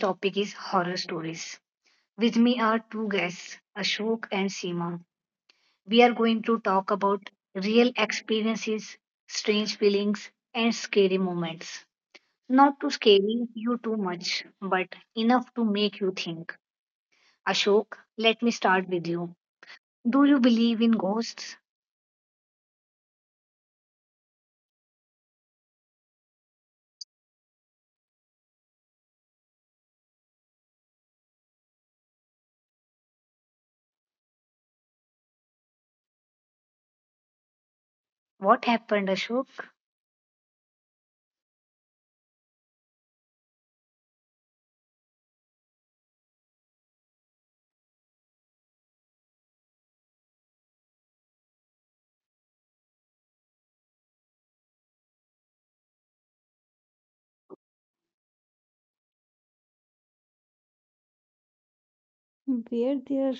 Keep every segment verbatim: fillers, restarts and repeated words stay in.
topic is horror stories. With me are two guests, Ashok and Seema. We are going to talk about real experiences, strange feelings, and scary moments. Not to scare you too much, but enough to make you think. Ashok, let me start with you. Do you believe in ghosts? What happened, Ashok? Were there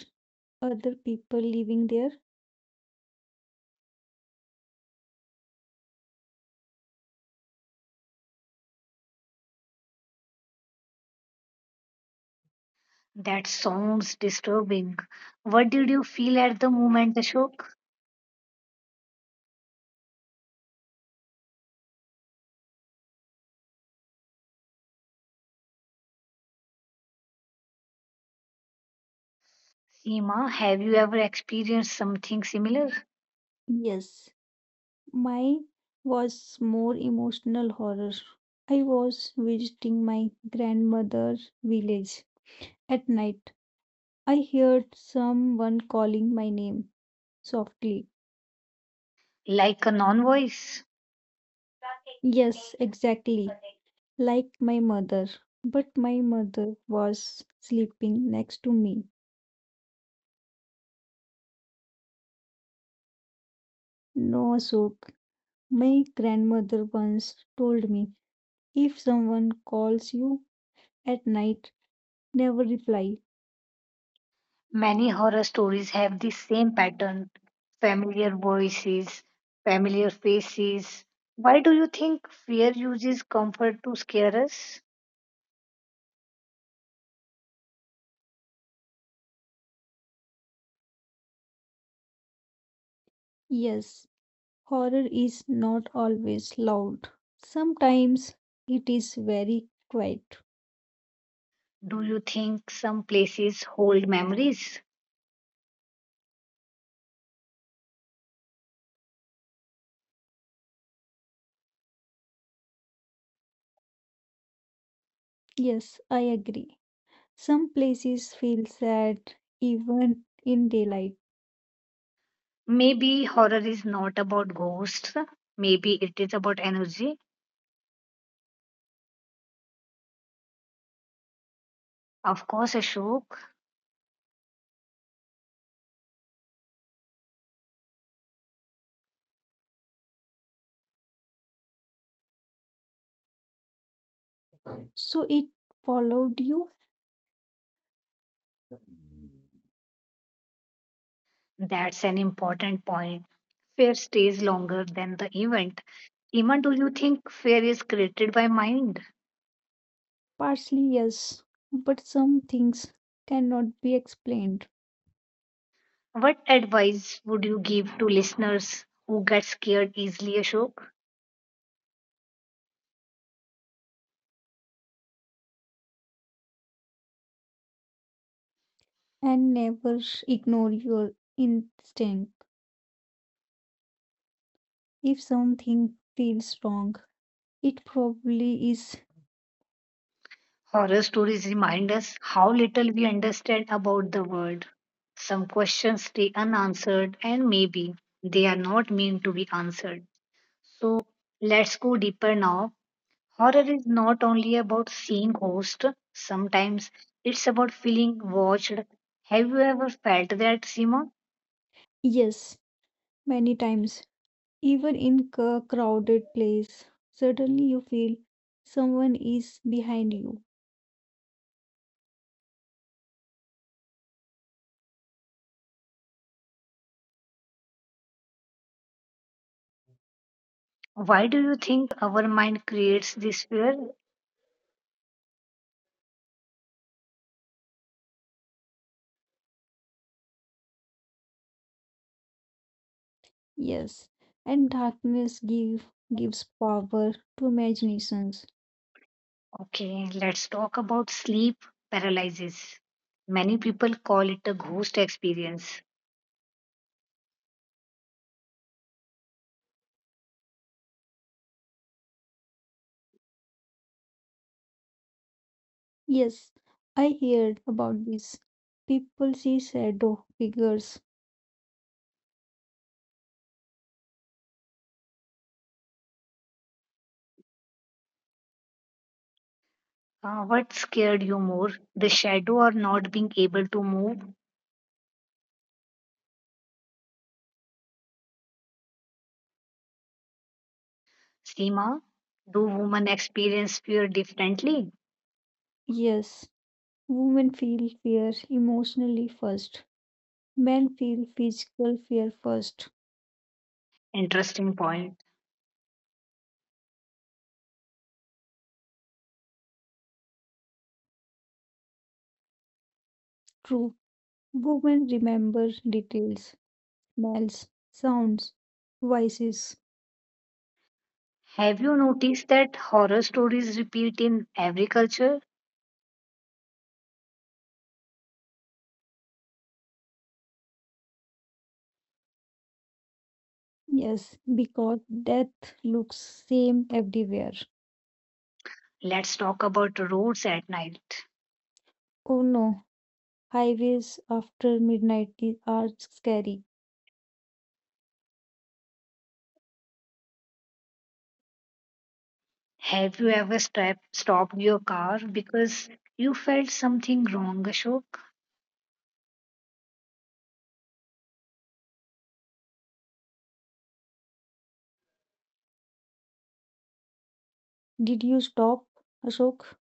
other people living there? That sounds disturbing. What did you feel at the moment, Ashok? Seema, have you ever experienced something similar, Yes. Mine was more emotional horror. I was visiting my grandmother's village at night. I heard someone calling my name softly. like a non voice? Yes, exactly, like my mother. But my mother was sleeping next to me. No, Ashok, my grandmother once told me if someone calls you at night, never reply. Many horror stories have the same pattern familiar voices, familiar faces. Why do you think fear uses comfort to scare us? Yes, horror is not always loud. Sometimes it is very quiet. Do you think some places hold memories? Yes, I agree. Some places feel sad even in daylight. Maybe horror is not about ghosts, maybe it is about energy. Of course, Ashok, So it followed you? that's an important point. Fear stays longer than the event. Iman, do you think fear is created by mind? Partially, yes, but some things cannot be explained What advice would you give to listeners who get scared easily, Ashok? and never ignore your instinct. If something feels wrong, it probably is, Horror stories remind us how little we understand about the world. Some questions stay unanswered, and maybe they are not meant to be answered. So let's go deeper now. Horror is not only about seeing ghosts, sometimes it's about feeling watched. Have you ever felt that, Seema? yes, many times. Even in a crowded place, suddenly you feel someone is behind you. Why do you think our mind creates this fear? Yes, and darkness give gives power to imaginations. Okay, let's talk about sleep paralysis. Many people call it a ghost experience. Yes, I heard about this. People see shadow figures. Uh, what scared you more, the shadow or not being able to move? Seema, do women experience fear differently? Yes, women feel fear emotionally first. Men feel physical fear first. Interesting point. True, women remember details, smells, sounds, voices. Have you noticed that horror stories repeat in every culture? Yes, because death looks same everywhere. Let's talk about roads at night. Oh no, highways after midnight i- are scary. Have you ever step, stopped your car because you felt something wrong, Ashok? Did you stop, Ashok?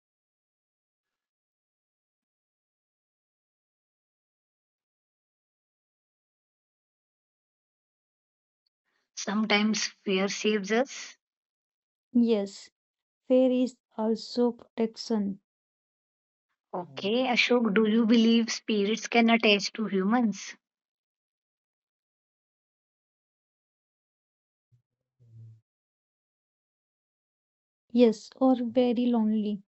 Sometimes fear saves us. Yes, fear is also protection. Okay, Ashok, do you believe spirits can attach to humans? Yes, or very lonely.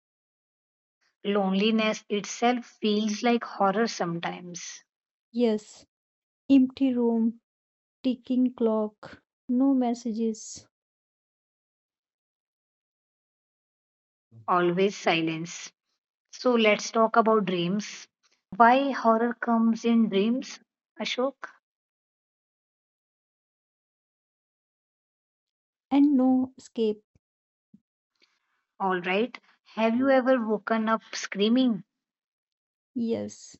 Loneliness itself feels like horror sometimes. Yes, empty room, ticking clock, no messages, Always silence. So let's talk about dreams. Why horror comes in dreams, Ashok? and no escape. All right. Have you ever woken up screaming? Yes,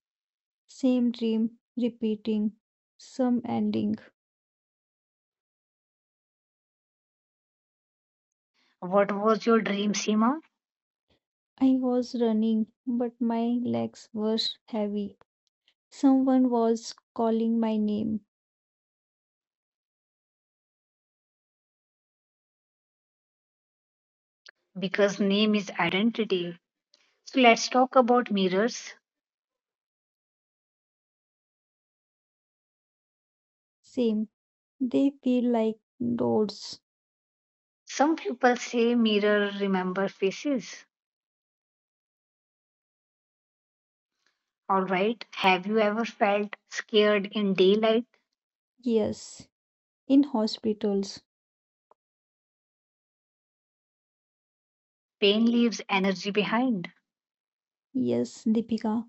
same dream repeating, some ending. What was your dream, Seema? I was running, but my legs were heavy. Someone was calling my name. Because name is identity. So let's talk about mirrors. Same. They feel like doors. Some people say mirror remember faces. All right. Have you ever felt scared in daylight? Yes. In hospitals. Pain leaves energy behind. Yes, Deepika.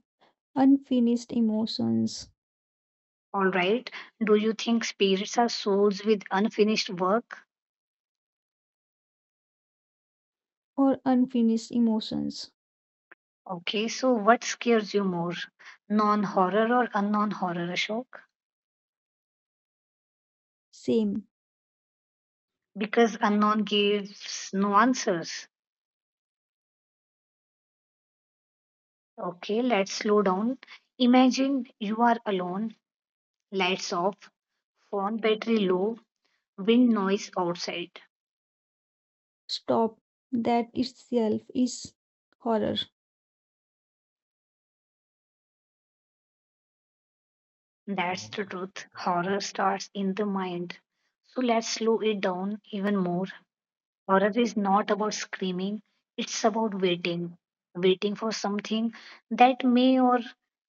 Unfinished emotions All right. Do you think spirits are souls with unfinished work? or unfinished emotions. Okay. So what scares you more? Non horror or unknown horror, Ashok? Same. Because unknown gives no answers. Okay, let's slow down. Imagine you are alone, lights off, phone battery low, wind noise outside. Stop. That itself is horror. That's the truth. Horror starts in the mind. So let's slow it down even more. Horror is not about screaming, it's about waiting. Waiting for something that may or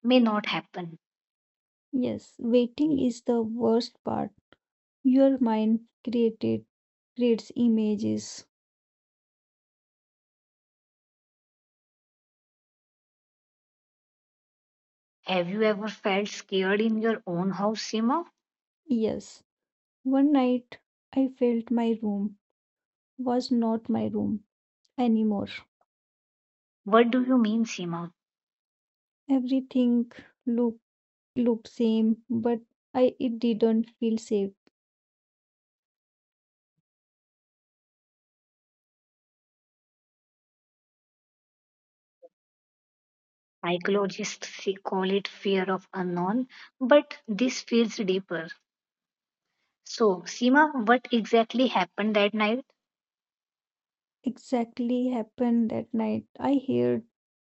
may not happen. Yes. Waiting is the worst part. Your mind created creates images. Have you ever felt scared in your own house, Seema? Yes. One night I felt my room was not my room anymore. What do you mean, Seema? Everything looked looked same, but I it didn't feel safe. Psychologists call it fear of unknown, but this feels deeper. So, Seema, what exactly happened that night? Exactly happened that night. I heard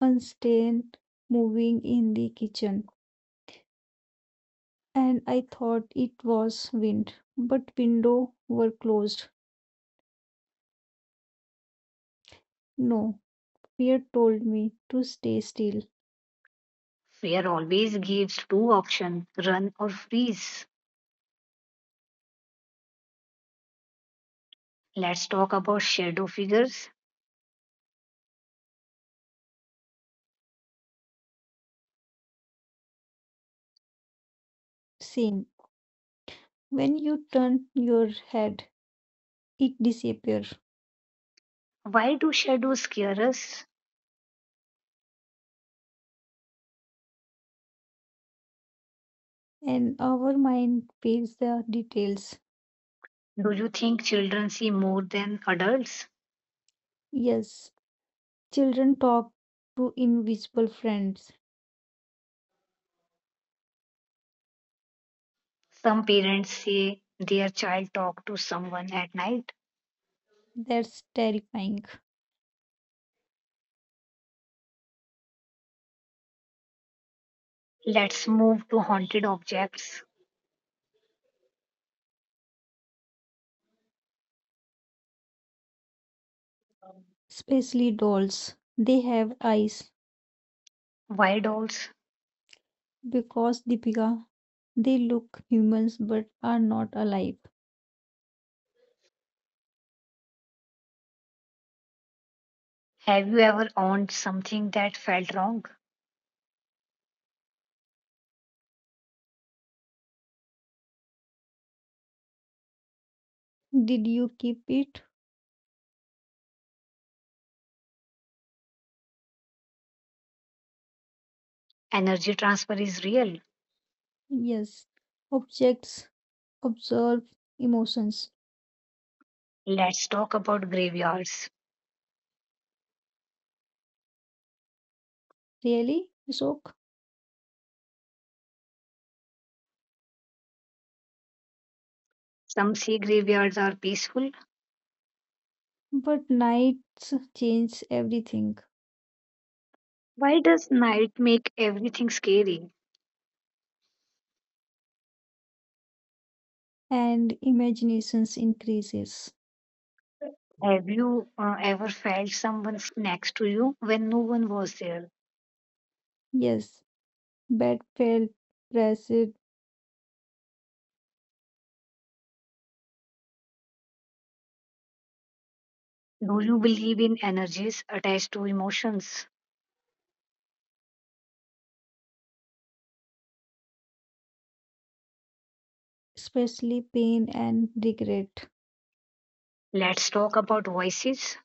unstained moving in the kitchen, and I thought it was wind, but window were closed. No, fear told me to stay still. Fear always gives two options, run or freeze. Let's talk about shadow figures. Same. When you turn your head, it disappears, Why do shadows scare us? and our mind feels the details. Do you think children see more than adults? Yes, children talk to invisible friends. Some parents say their child talked to someone at night. That's terrifying. Let's move to haunted objects. Especially dolls. They have eyes Why dolls? because, Deepika, they look humans but are not alive. Have you ever owned something that felt wrong? Did you keep it? Energy transfer is real. Yes. Objects observe emotions. Let's talk about graveyards. Really, Ishok? Some sea graveyards are peaceful. But nights change everything Why does night make everything scary? and imaginations increases. Have you uh, ever felt someone next to you when no one was there? Yes, bed felt pressed, Do you believe in energies attached to emotions? especially pain and regret. Let's talk about voices.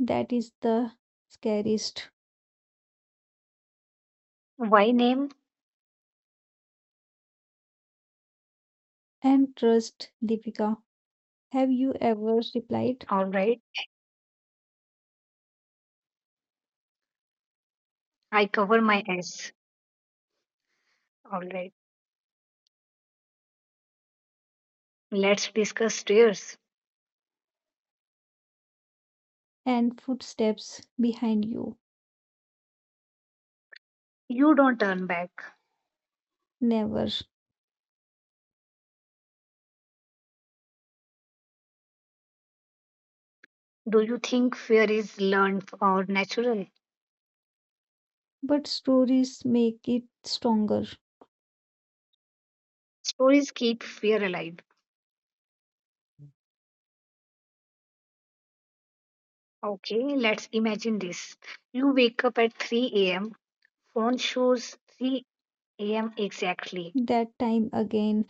That is the scariest. Why name? And trust, Deepika. Have you ever replied? All right. I cover my S. All right. Let's discuss tears. And footsteps behind you? You don't turn back. Never. Do you think fear is learned or natural? But stories make it stronger. Stories keep fear alive. Okay, let's imagine this. You wake up at three a m, phone shows three a m exactly. That time again,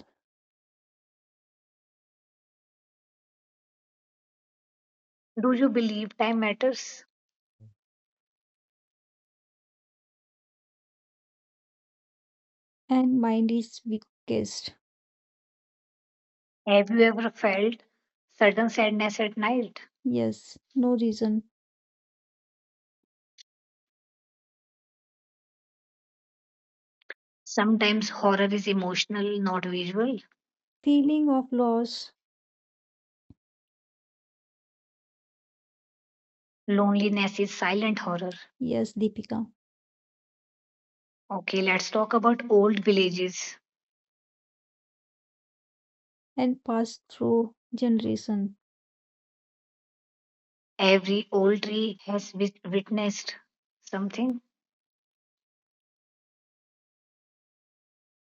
Do you believe time matters? and mind is weakest. Have you ever felt sudden sadness at night? Yes, no reason. Sometimes horror is emotional, not visual. Feeling of loss? Loneliness is silent horror. Yes, Deepika. Okay, let's talk about old villages. And passed through generation. Every old tree has wit- witnessed something.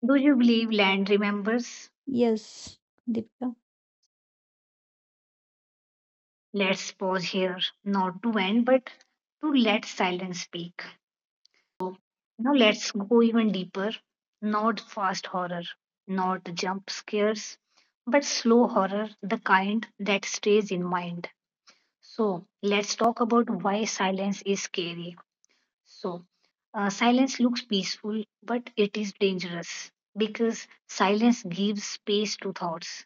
Do you believe land remembers? Yes, Deepika. Let's pause here, not to end, but to let silence speak. So now let's go even deeper. Not fast horror, not jump scares, but slow horror, the kind that stays in mind. So let's talk about why silence is scary. So uh, silence looks peaceful, but it is dangerous because silence gives space to thoughts.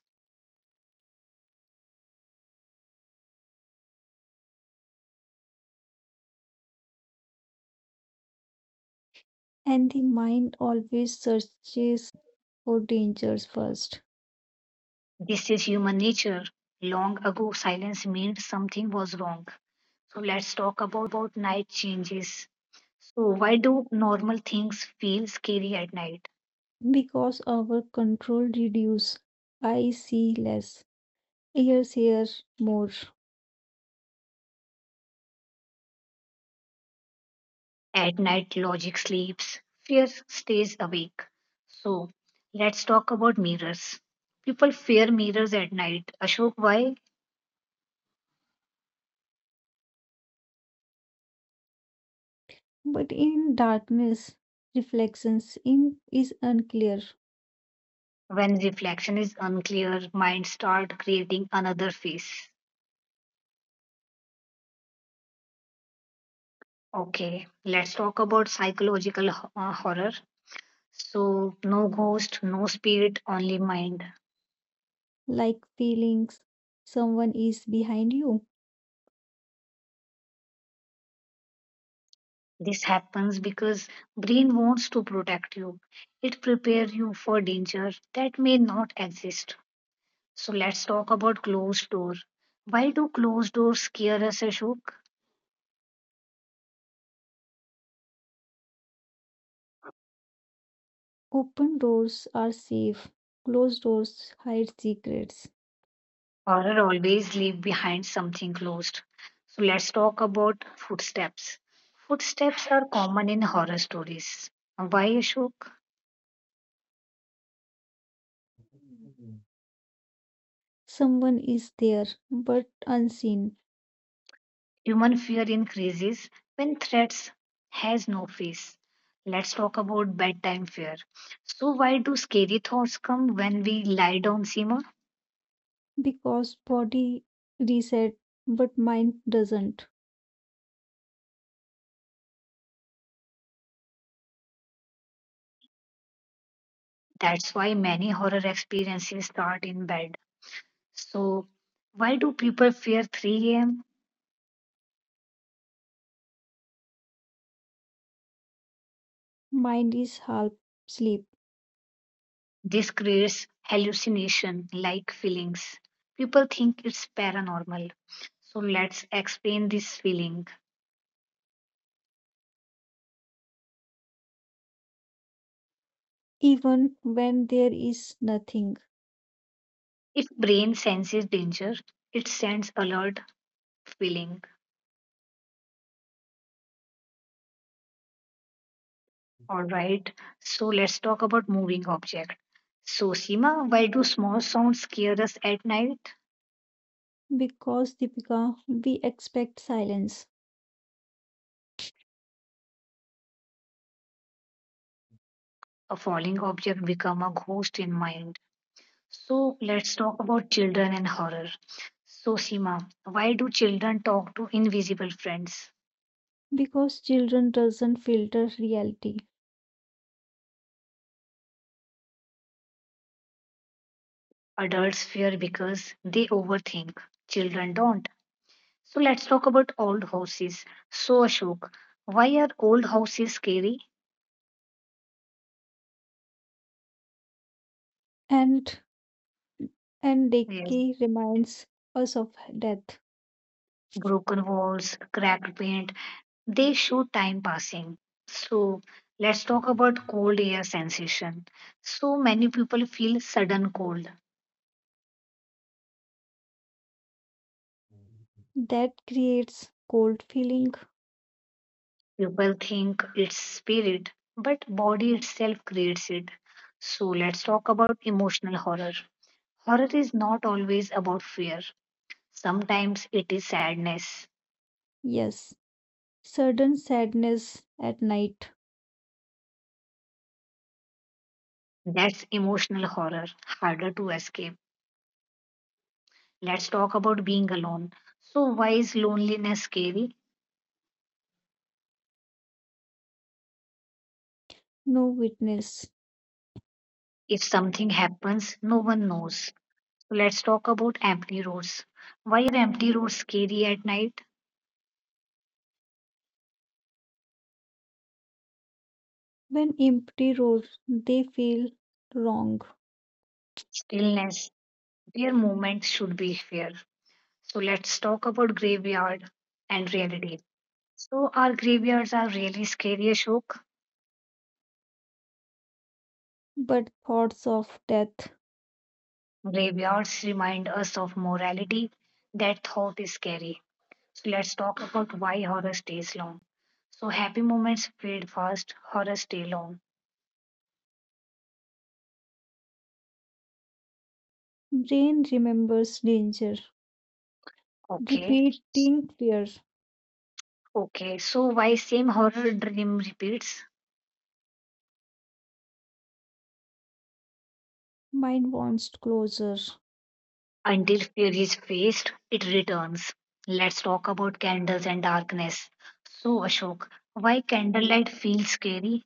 And the mind always searches for dangers first This is human nature. Long ago, silence meant something was wrong. So let's talk about night changes. So, why do normal things feel scary at night? because our control reduces. I see less, ears hear more. At night, logic sleeps, fear stays awake. So, let's talk about mirrors. People fear mirrors at night. Ashok, why? But in darkness, reflections in is unclear, When reflection is unclear, mind start creating another face. Okay, let's talk about psychological ho- uh, horror. So no ghost, no spirit, only mind. like feelings. Someone is behind you. This happens because brain wants to protect you. It prepares you for danger that may not exist. So let's talk about closed door. Why do closed doors scare us, Ashok? Open doors are safe. Closed doors hide secrets. Horror always leave behind something closed. So let's talk about footsteps. Footsteps are common in horror stories. Why, Ashok? Someone is there but unseen Human fear increases when threats has no face. Let's talk about bedtime fear. So why do scary thoughts come when we lie down, Seema? because body reset but mind doesn't. That's why many horror experiences start in bed. So why do people fear three a m? Mind is half asleep, This creates hallucination like feelings. People think it's paranormal. So let's explain this feeling. even when there is nothing. If brain senses danger, it sends alert feeling. All right, so let's talk about moving object. So, Seema, why do small sounds scare us at night? Because, Deepika, we expect silence. A falling object become a ghost in mind. So, let's talk about children and horror. So, Seema, why do children talk to invisible friends? Because children doesn't filter reality, Adults fear because they overthink. Children don't. So, let's talk about old houses. So, Ashok, why are old houses scary? and and Yes, Deki reminds us of death. broken walls, cracked paint, they show time passing. So let's talk about cold air sensation. So many people feel sudden cold. That creates cold feeling. People think it's spirit, but body itself creates it. So let's talk about emotional horror. Horror is not always about fear. Sometimes it is sadness. Yes, sudden sadness at night. That's emotional horror, harder to escape. Let's talk about being alone. So why is loneliness scary? No witness. If something happens, no one knows. So let's talk about empty roads. Why are empty roads scary at night? When empty roads, they feel wrong. Stillness, their movement should be fair. So let's talk about graveyard and reality. So our graveyards are really scary, Ashok. But thoughts of death, Graveyards remind us of morality. That thought is scary. So let's talk about why horror stays long. So happy moments fade fast, horror stay long. brain remembers danger. Okay. Repeating prayers, Okay, so why same horror dream repeats mind wants closure, until fear is faced, it returns. Let's talk about candles and darkness. So, Ashok, why candlelight feels scary?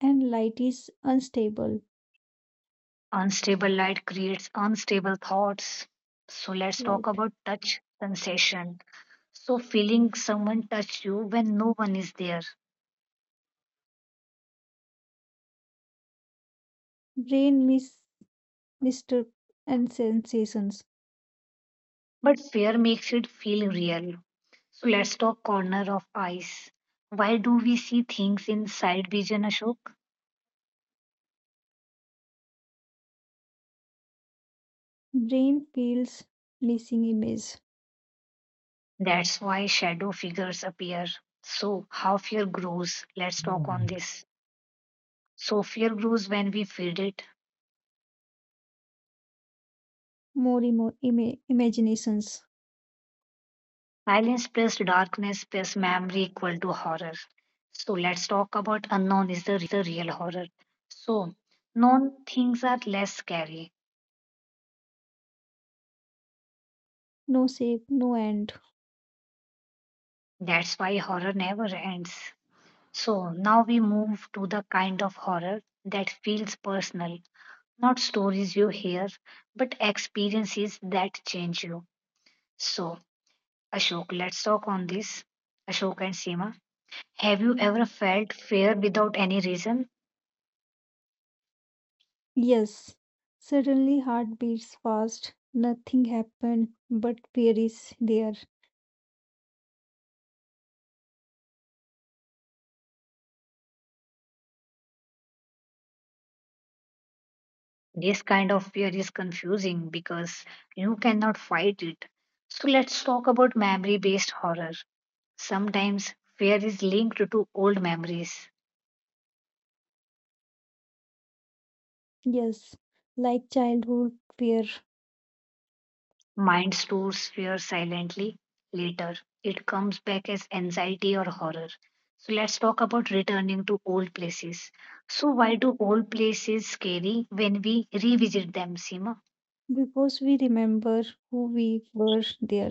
and light is unstable, Unstable light creates unstable thoughts. So, let's talk right? about touch sensation. So, feeling someone touch you when no one is there, Brain miss mister and sensations. but fear makes it feel real. So, let's talk corner of eyes. Why do we see things in side vision, Ashok? Brain feels missing image, That's why shadow figures appear. So, how fear grows? Let's talk on this. So, fear grows when we feed it. more emo- ima- imaginations. Silence plus darkness plus memory equal to horror. So, let's talk about unknown is the real horror. So, known things are less scary. No shape, no end. That's why horror never ends. So, now we move to the kind of horror that feels personal. Not stories you hear, but experiences that change you. So, Ashok, let's talk on this. Ashok and Seema, have you ever felt fear without any reason? Yes, suddenly heart beats fast. Nothing happened, but fear is there. This kind of fear is confusing because you cannot fight it. So let's talk about memory based horror. Sometimes fear is linked to old memories. Yes, like childhood fear, Mind stores fear silently. Later, it comes back as anxiety or horror. So let's talk about returning to old places. So why do old places scary when we revisit them, Seema? because we remember who we were there.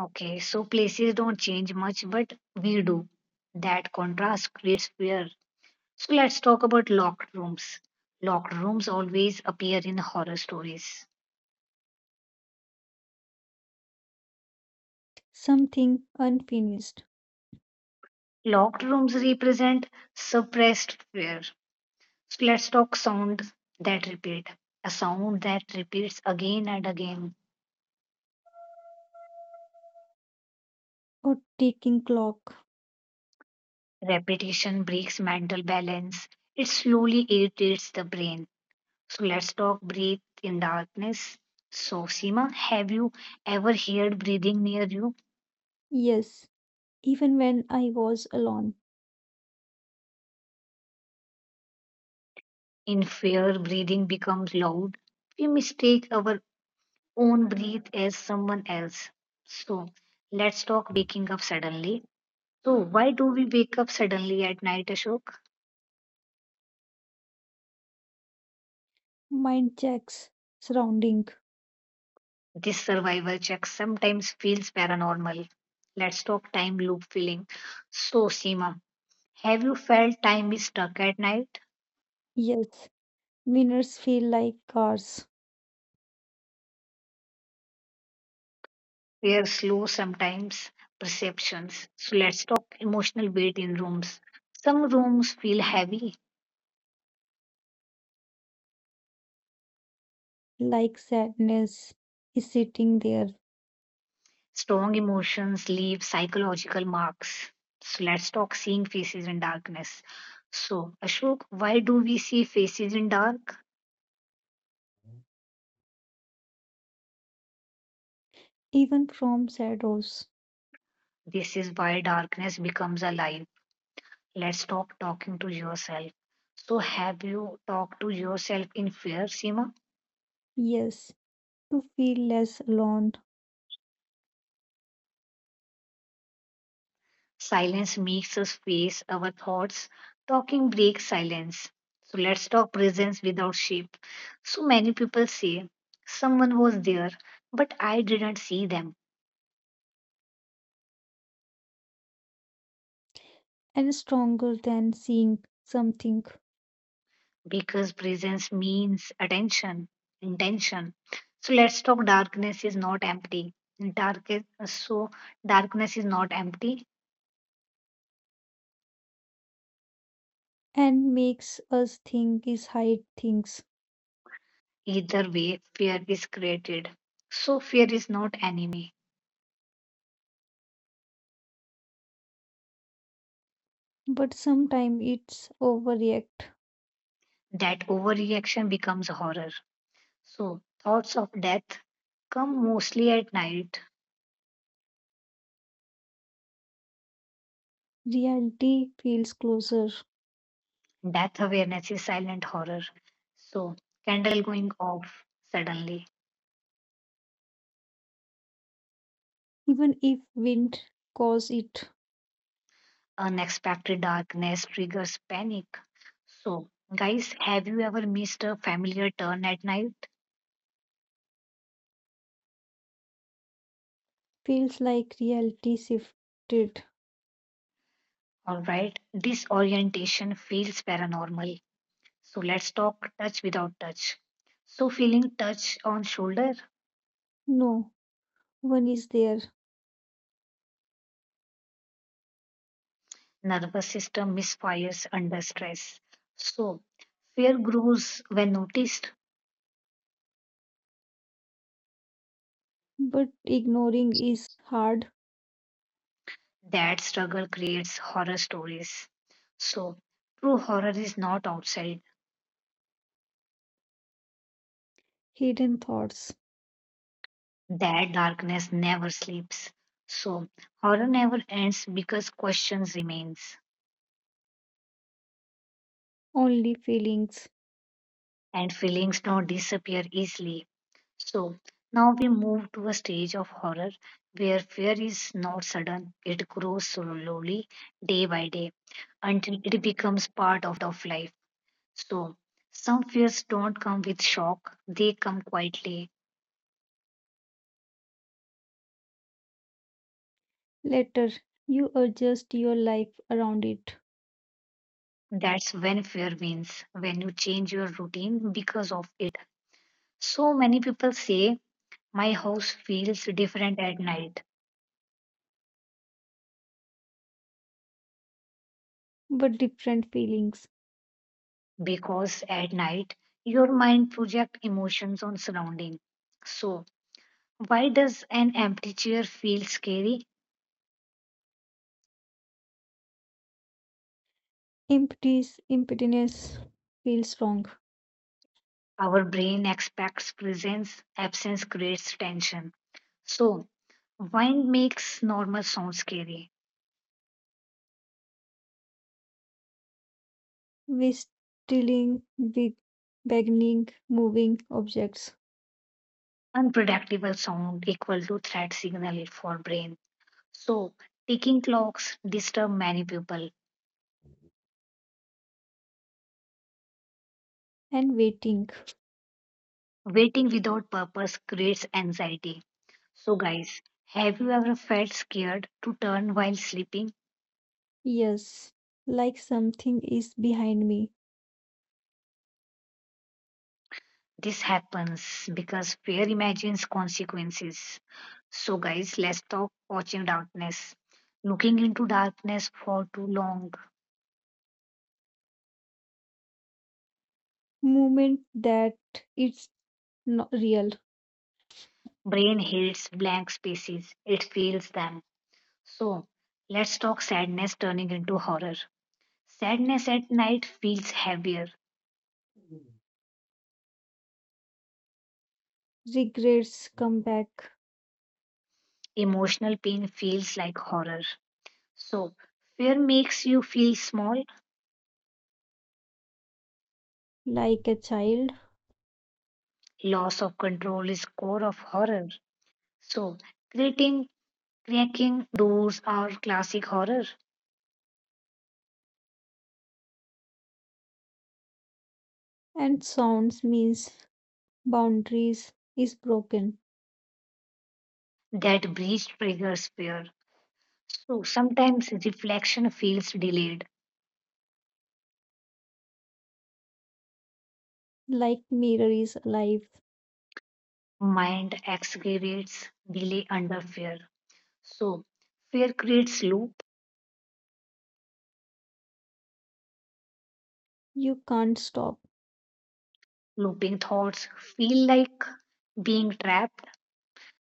Okay, so places don't change much, but we do. That contrast creates fear. So let's talk about locked rooms. Locked rooms always appear in horror stories. Something unfinished Locked rooms represent suppressed fear. So let's talk sound that repeat. A sound that repeats again and again. or ticking clock. Repetition breaks mental balance. It slowly irritates the brain. So let's talk breathe in darkness. So Seema, have you ever heard breathing near you? Yes, even when I was alone, In fear, breathing becomes loud. We mistake our own breath as someone else. So let's talk waking up suddenly. So why do we wake up suddenly at night, Ashok? mind checks surrounding. This survival check sometimes feels paranormal. Let's talk time loop feeling. So Seema, have you felt time is stuck at night? Yes, winners feel like cars, We are slow sometimes, perceptions. So let's talk emotional weight in rooms. Some rooms feel heavy. like sadness is sitting there, Strong emotions leave psychological marks. So let's talk seeing faces in darkness. So, Ashok, why do we see faces in dark? even from shadows. This is why darkness becomes alive. Let's talk talking to yourself. So, have you talked to yourself in fear, Seema? Yes, to feel less alone Silence makes us face our thoughts. Talking breaks silence. So let's talk presence without shape. So many people say, someone was there, but I didn't see them and stronger than seeing something because presence means attention, intention. So let's talk darkness is not empty. Dark is, so darkness is not empty. and makes us think is hide things. Either way, fear is created. So fear is not enemy. But sometimes it's overreact. That overreaction becomes horror. So, thoughts of death come mostly at night. Reality feels closer. Death awareness is silent horror. So, candle going off suddenly, Even if wind cause, it unexpected darkness triggers panic. So, guys, have you ever missed a familiar turn at night? feels like reality shifted. Alright, disorientation feels paranormal. So, let's talk touch without touch. So, feeling touch on shoulder, No, one is there, nervous system misfires under stress. So, fear grows when noticed but ignoring is hard. that struggle creates horror stories. So, true horror is not outside, Hidden thoughts, that darkness never sleeps. So, horror never ends because questions remains only feelings. and feelings don't disappear easily. So now we move to a stage of horror where fear is not sudden, it grows slowly day by day until it becomes part of life. So some fears don't come with shock, they come quietly. Later, you adjust your life around it, That's when fear wins, when you change your routine because of it. So many people say, "My house feels different at night," but different feelings. because at night your mind projects emotions on surrounding. So why does an empty chair feel scary? Emptiness, emptiness feels wrong. Our brain expects presence, absence creates tension. So, wine makes normal sound scary. We stealing, big, beginning, moving objects, Unpredictable sound equal to threat signal for brain. So, ticking clocks disturb many people. and waiting. Waiting without purpose creates anxiety. So, guys, have you ever felt scared to turn while sleeping? Yes, like something is behind me, This happens because fear imagines consequences. So, guys, let's stop watching darkness. Looking into darkness for too long, moment that it's not real. brain hates blank spaces. It feels them. So, let's talk sadness turning into horror. Sadness at night feels heavier. Regrets come back Emotional pain feels like horror. So, fear makes you feel small. like a child, Loss of control is core of horror. So, creating Cracking doors are classic horror. and sounds means boundaries is broken, That breach triggers fear. So sometimes reflection feels delayed. like mirror is alive. Mind excavates delay under fear. So fear creates loop. You can't stop, Looping thoughts feel like being trapped.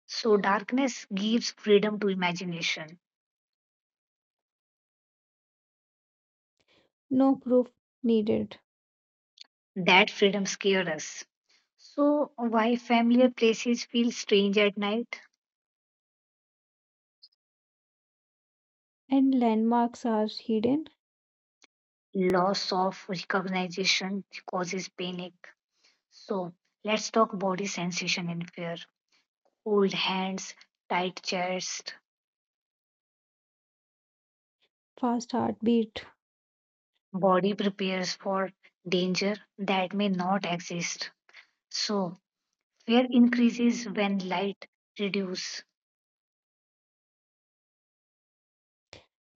So darkness gives freedom to imagination. no proof needed, That freedom scares us. So, why familiar places feel strange at night? and landmarks are hidden. Loss of recognition causes panic. So let's talk body sensation in fear. Cold hands, tight chest, Fast heartbeat, body prepares for danger that may not exist. So fear increases when light reduce.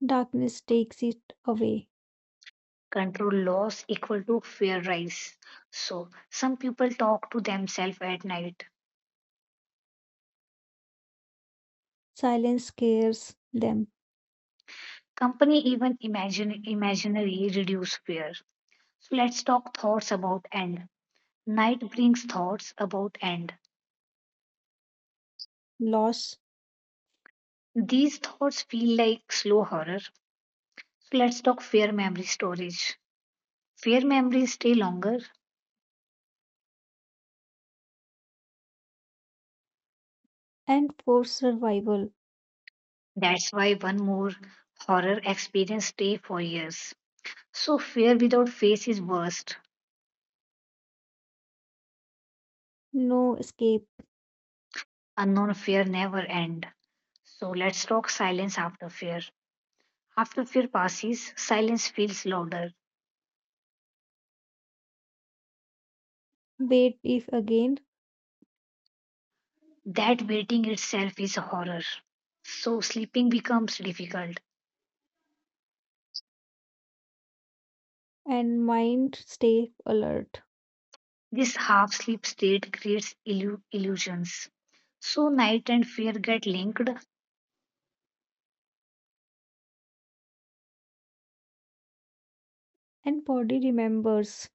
darkness takes it away. Control loss equal to fear rise. So some people talk to themselves at night. Silence scares them. Company even imagine imaginary reduce fear. So let's talk thoughts about end. Night brings thoughts about end. Loss These thoughts feel like slow horror. So let's talk fear memory storage. Fear memories stay longer. and for survival, That's why one more horror experience stay for years. So fear without face is worst. no escape. Unknown fear never end. So let's talk silence after fear. After fear passes, silence feels louder. Wait if again That waiting itself is a horror. So sleeping becomes difficult. and mind stay alert This half sleep state creates illu- illusions. So, night and fear get linked, and body remembers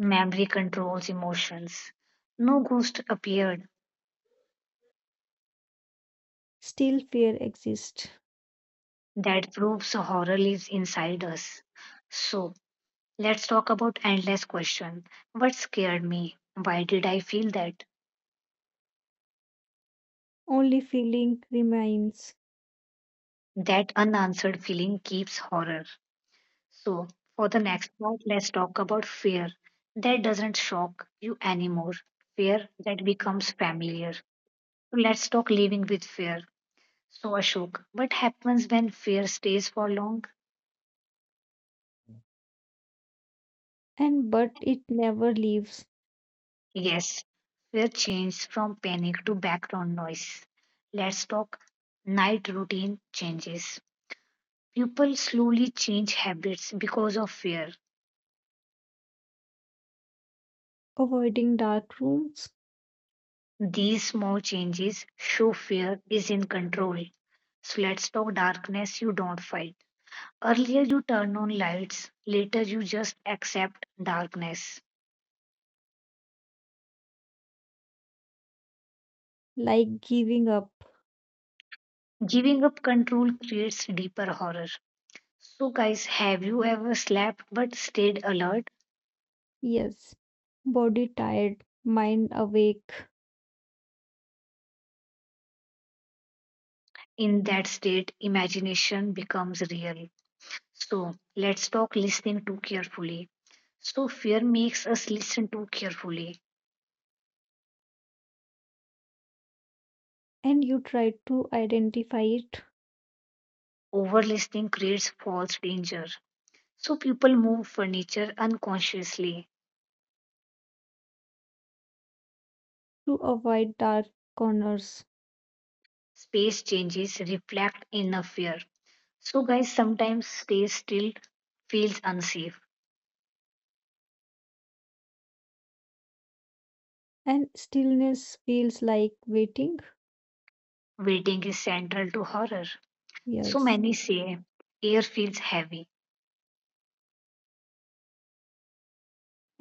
memory controls emotions. No ghost appeared. still fear exists That proves horror lives inside us. So, let's talk about endless question. What scared me? Why did I feel that? only feeling remains That unanswered feeling keeps horror. So, for the next part, let's talk about fear that doesn't shock you anymore. Fear that becomes familiar. So let's talk living with fear. So, Ashok, what happens when fear stays for long? and but it never leaves Yes, fear changes from panic to background noise. Let's talk night routine changes. People slowly change habits because of fear. avoiding dark rooms These small changes show fear is in control. So, let's talk darkness you don't fight. Earlier, you turn on lights, later, you just accept darkness. like giving up, Giving up control creates deeper horror. So, guys, have you ever slept but stayed alert? yes, body tired mind awake In that state, imagination becomes real. So, let's talk listening too carefully. So, fear makes us listen too carefully. and you try to identify it Over listening creates false danger. So, people move furniture unconsciously. to avoid dark corners Space changes reflect inner fear. So, guys, sometimes space still feels unsafe. and stillness feels like waiting, Waiting is central to horror. So, yes, many say air feels heavy.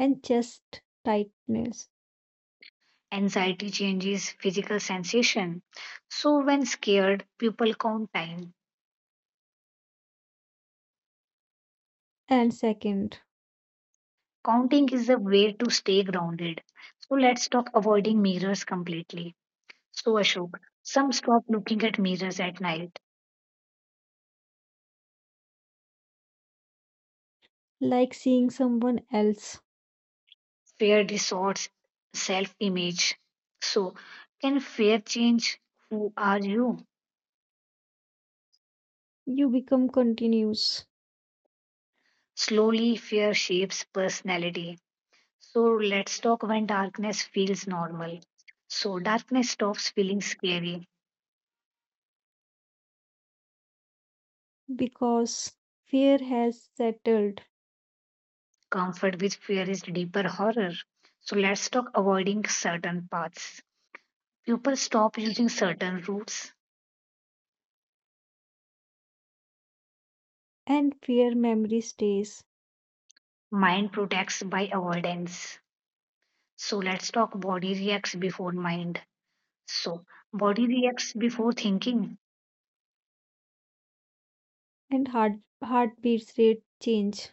and chest tightness Anxiety changes physical sensation. So, when scared, people count time. and second Counting is a way to stay grounded. So, let's talk avoiding mirrors completely. So, Ashok, some stop looking at mirrors at night. like seeing someone else. Fear distorts self image. So, can fear change who are you? You become continuous Slowly, fear shapes personality. So, let's talk when darkness feels normal. So, darkness stops feeling scary. because fear has settled Comfort with fear is deeper horror. So let's talk avoiding certain paths. People stop using certain routes. and fear memory stays Mind protects by avoidance. So let's talk body reacts before mind. So body reacts before thinking. and heart heartbeat rate change.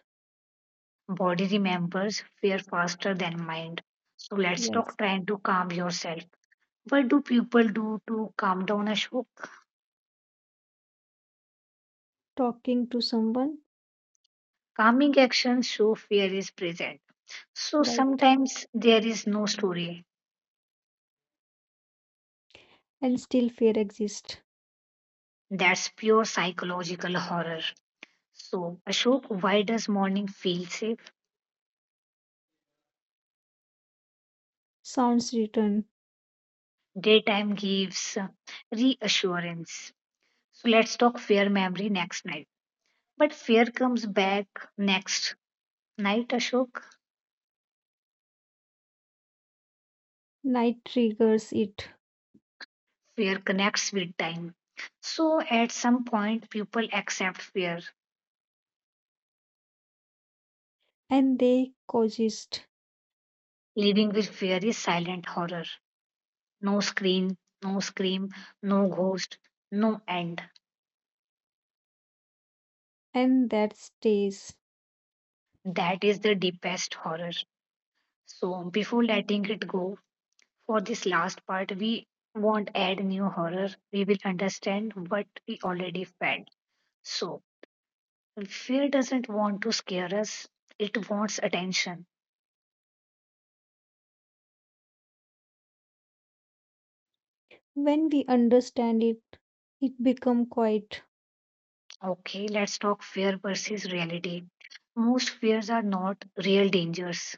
Body remembers fear faster than mind. So let's Yes. talk trying to calm yourself. What do people do to calm down a shock? Talking to someone, Calming actions show fear is present. So right? sometimes there is no story. And still fear exists. That's pure psychological horror. So, Ashok, why does morning feel safe? Sounds return. Daytime gives uh, reassurance. So, let's talk fear memory next night. But fear comes back next night, Ashok. Night triggers it Fear connects with time. So, at some point, people accept fear. and they coexist Living with fear is silent horror. No screen, no scream, no ghost, no end. and that stays. That is the deepest horror. So before letting it go, for this last part, we won't add new horror. We will understand what we already felt. So, fear doesn't want to scare us, it wants attention. When we understand it, it become quiet Okay, let's talk fear versus reality. Most fears are not real dangers.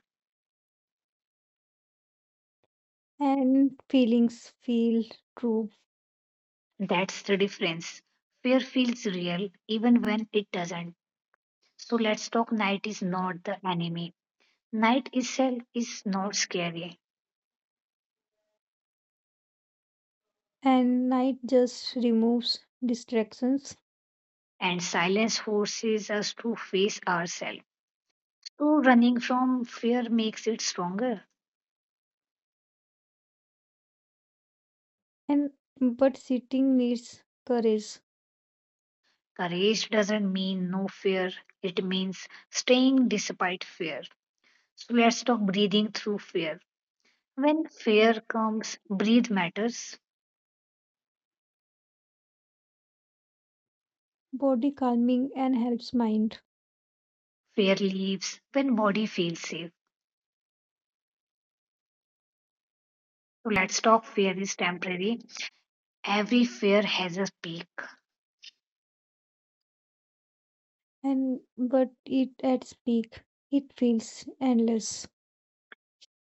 and feelings feel true That's the difference. Fear feels real even when it doesn't. So, let's talk night is not the enemy. Night itself is not scary, and night just removes distractions and silence forces us to face ourselves. So, running from fear makes it stronger. and but sitting needs courage Courage doesn't mean no fear, it means staying despite fear. So, let's talk breathing through fear. When fear comes, breathe matters. body calming and helps mind Fear leaves when body feels safe. So, let's talk fear is temporary. Every fear has a peak. and but it at peak it feels endless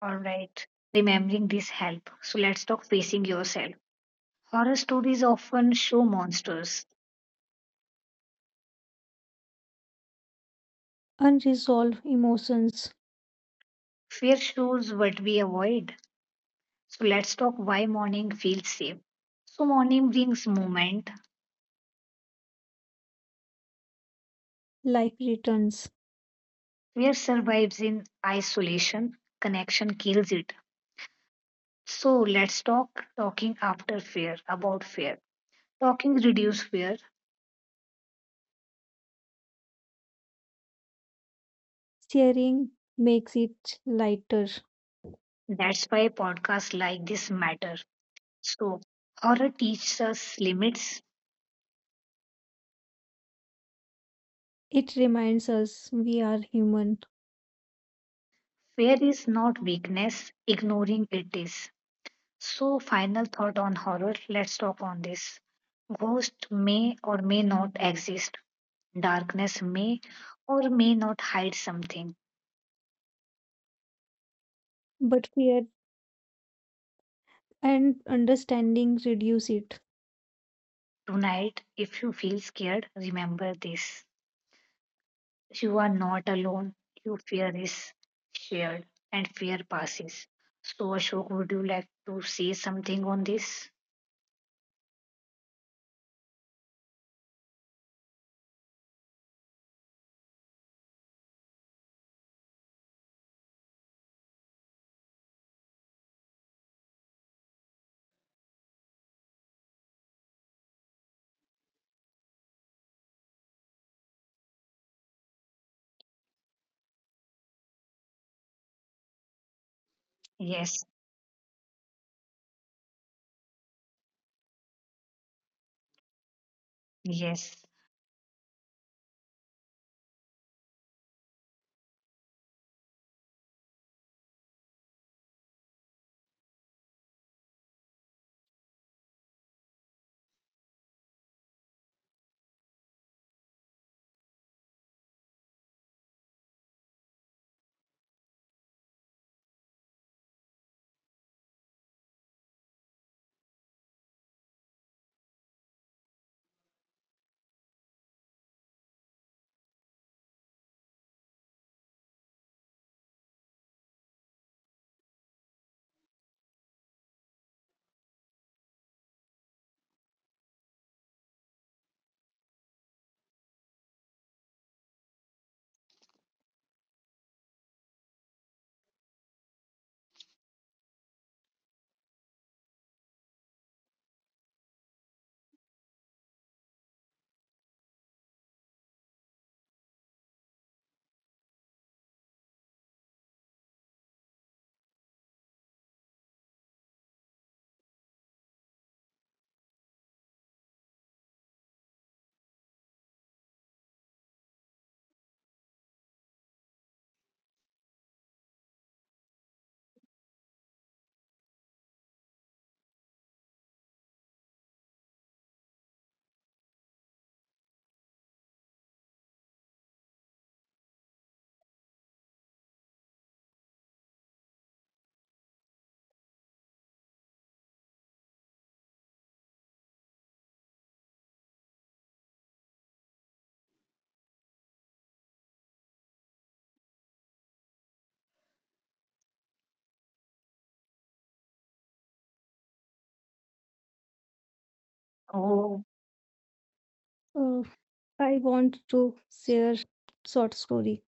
All right. remembering this help. So, let's talk facing yourself. Horror stories often show monsters. unresolved emotions Fear shows what we avoid. So let's talk why morning feels safe. So morning brings movement. life returns Fear survives in isolation. Connection kills it. So let's talk talking after fear about fear. Talking reduce fear. sharing makes it lighter That's why podcasts like this matter. So horror teaches us limits. it reminds us we are human Fear is not weakness. Ignoring it is. So final thought on horror. Let's talk on this. Ghost may or may not exist. Darkness may or may not hide something. but fear and understanding reduce it. Tonight, if you feel scared, remember this. You are not alone. Your fear is shared and fear passes. So, Ashok, would you like to say something on this? Yes, yes. Oh, Uh, i want to share short story,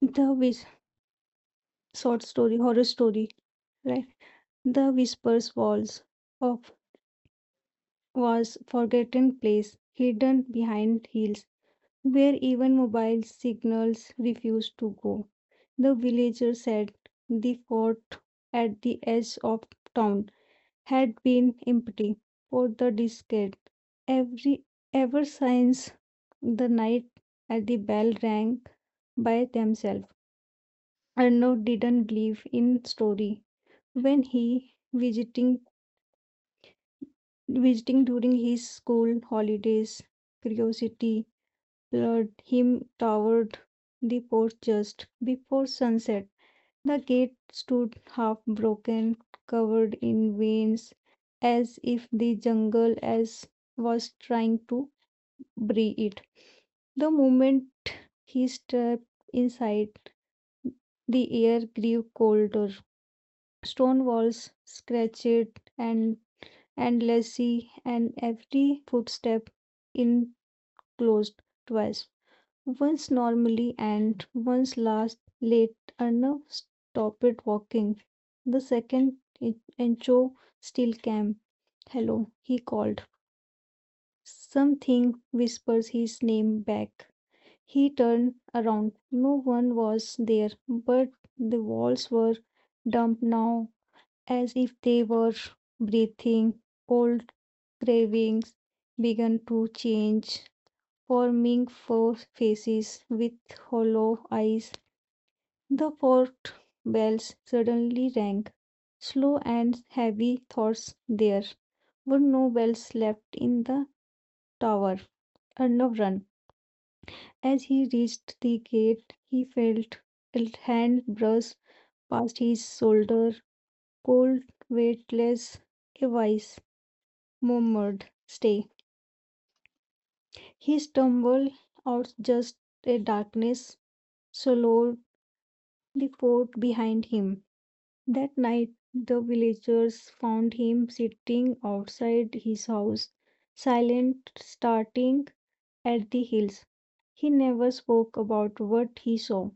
the wish short story, horror story, right? The whispers walls of was forgotten place, hidden behind hills, where even mobile signals refused to go. The villager said the fort at the edge of town had been empty for the decade. Every ever since the night at the bell rang by themselves. Arnaud didn't believe in story. When he visiting visiting during his school holidays, curiosity lured him toward the porch just before sunset. The gate stood half broken, covered in veins, as if the jungle as was trying to breathe it. The moment he stepped inside, the air grew colder. Stone walls scratched and and Lassie, and every footstep enclosed twice, once normally and once last late. Arnav stopped walking. The second en- Encho still came. Hello, he called. Something whispers his name back. He turned around. No one was there, but the walls were damp now as if they were breathing. Old cravings began to change, forming four faces with hollow eyes. The fort bells suddenly rang. Slow and heavy thoughts, there were no bells left in the tower. Arnav ran. As he reached the gate, he felt a hand brush past his shoulder, cold, weightless, a voice murmured, stay. He stumbled out just a darkness swallowed the fort behind him. That night the villagers found him sitting outside his house, silent, starting at the hills. He never spoke about what he saw,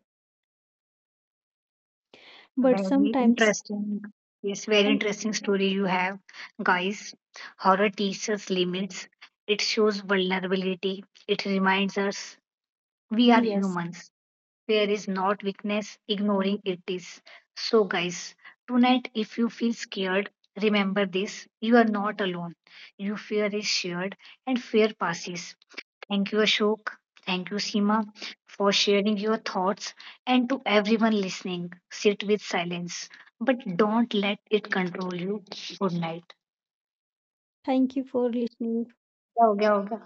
but very sometimes interesting. Yes, very and interesting story you have, guys. Horror teaches limits, it shows vulnerability, it reminds us we are yes, humans. Fear is not weakness, ignoring it is. So, guys, tonight if you feel scared, remember this: you are not alone. Your fear is shared and fear passes. Thank you, Ashok. Thank you, Seema, for sharing your thoughts. And to everyone listening, sit with silence, but don't let it control you. Good night. thank you for listening. क्या हो गया, हो